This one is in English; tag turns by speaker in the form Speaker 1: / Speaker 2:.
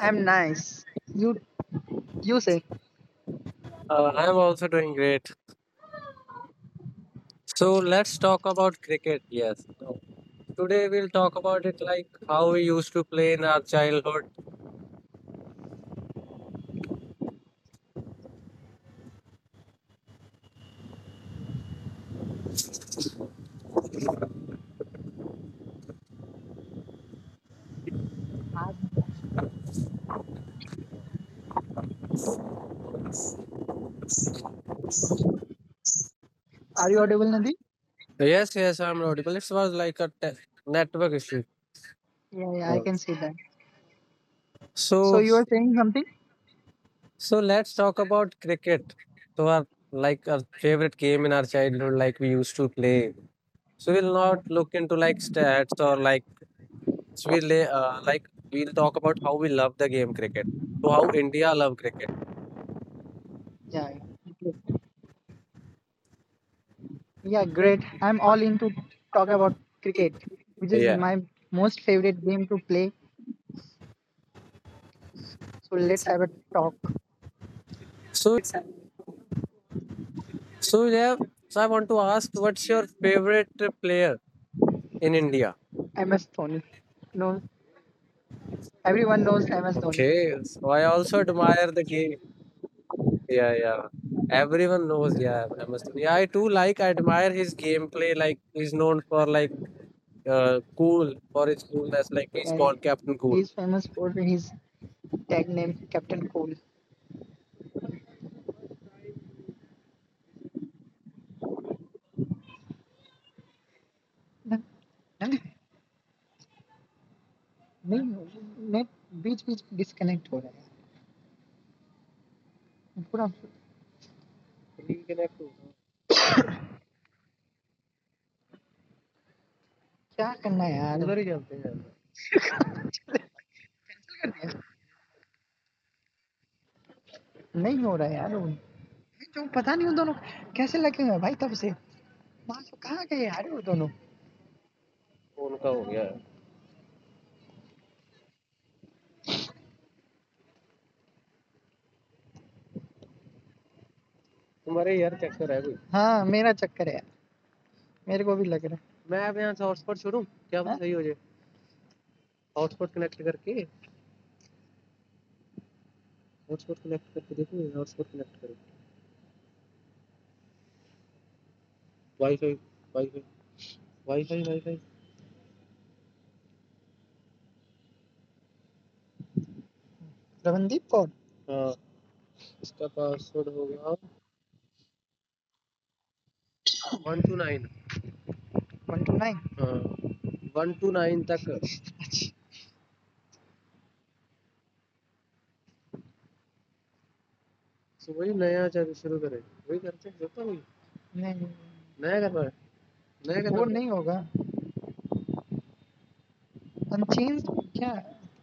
Speaker 1: I'm nice. You you say.
Speaker 2: I am also doing great. So let's talk about cricket. Yes. So today we'll talk about it, like how we used to play in our childhood.
Speaker 1: Are you audible, Nandi?
Speaker 2: Yes, yes, I'm audible. It was like a network issue.
Speaker 1: Yeah, yeah, I
Speaker 2: Uh,
Speaker 1: can see that. So
Speaker 2: So,
Speaker 1: you are saying something?
Speaker 2: so let's talk about cricket. So our favorite game in our childhood, like we used to play. So we'll not look into like stats or like we'll talk about how we love the game cricket. So how India love cricket.
Speaker 1: Yeah, yeah. Okay. Yeah, great. I'm all into talk about cricket, which is
Speaker 2: Yeah.
Speaker 1: my most favorite game to play. So let's have a talk.
Speaker 2: So yeah, so I want to ask, what's your favorite player in India?
Speaker 1: MS Dhoni. No, everyone knows MS Dhoni.
Speaker 2: Okay, so I also admire the game. Yeah, yeah. Everyone knows. Yeah, MS Dhoni. Yeah, I too like. I admire his gameplay. Like he's known for like, cool, for his coolness. Like he's
Speaker 1: Yeah, yeah.
Speaker 2: called Captain Cool.
Speaker 1: He's famous for his tag name Captain Cool. नहीं नहीं, net बीच बीच disconnect हो रहा है पूरा. क्या करना है यार? उधर ही चलते हैं यार. कर दिया. नहीं हो रहा है यार वो. जो पता नहीं उन दोनों को कैसे लगे हुए हैं भाई तब से. माँ से कहाँ गए यार वो दोनों? उनका हो गया. तुम्हारे यार चक्कर है कोई? हाँ, मेरा चक्कर है यार. मेरे को भी लग रहा है. मैं अब यहाँ से हॉटस्पॉट शुरू क्या पता, हाँ? सही हो जाए. हॉटस्पॉट कनेक्ट करके, हॉटस्पॉट कनेक्ट करके देखो. हॉटस्पॉट कनेक्ट करो. Wifi wifi wifi wifi. Ramandeep Kaur. हाँ, इसका पासवर्ड हो गया one two nine 129. One two nine तक तो वही नया. जब शुरू करें वही करते हैं. करता हूँ. नहीं, नया कर रहा है. नया कर. वो नहीं होगा. अनचेंज क्या.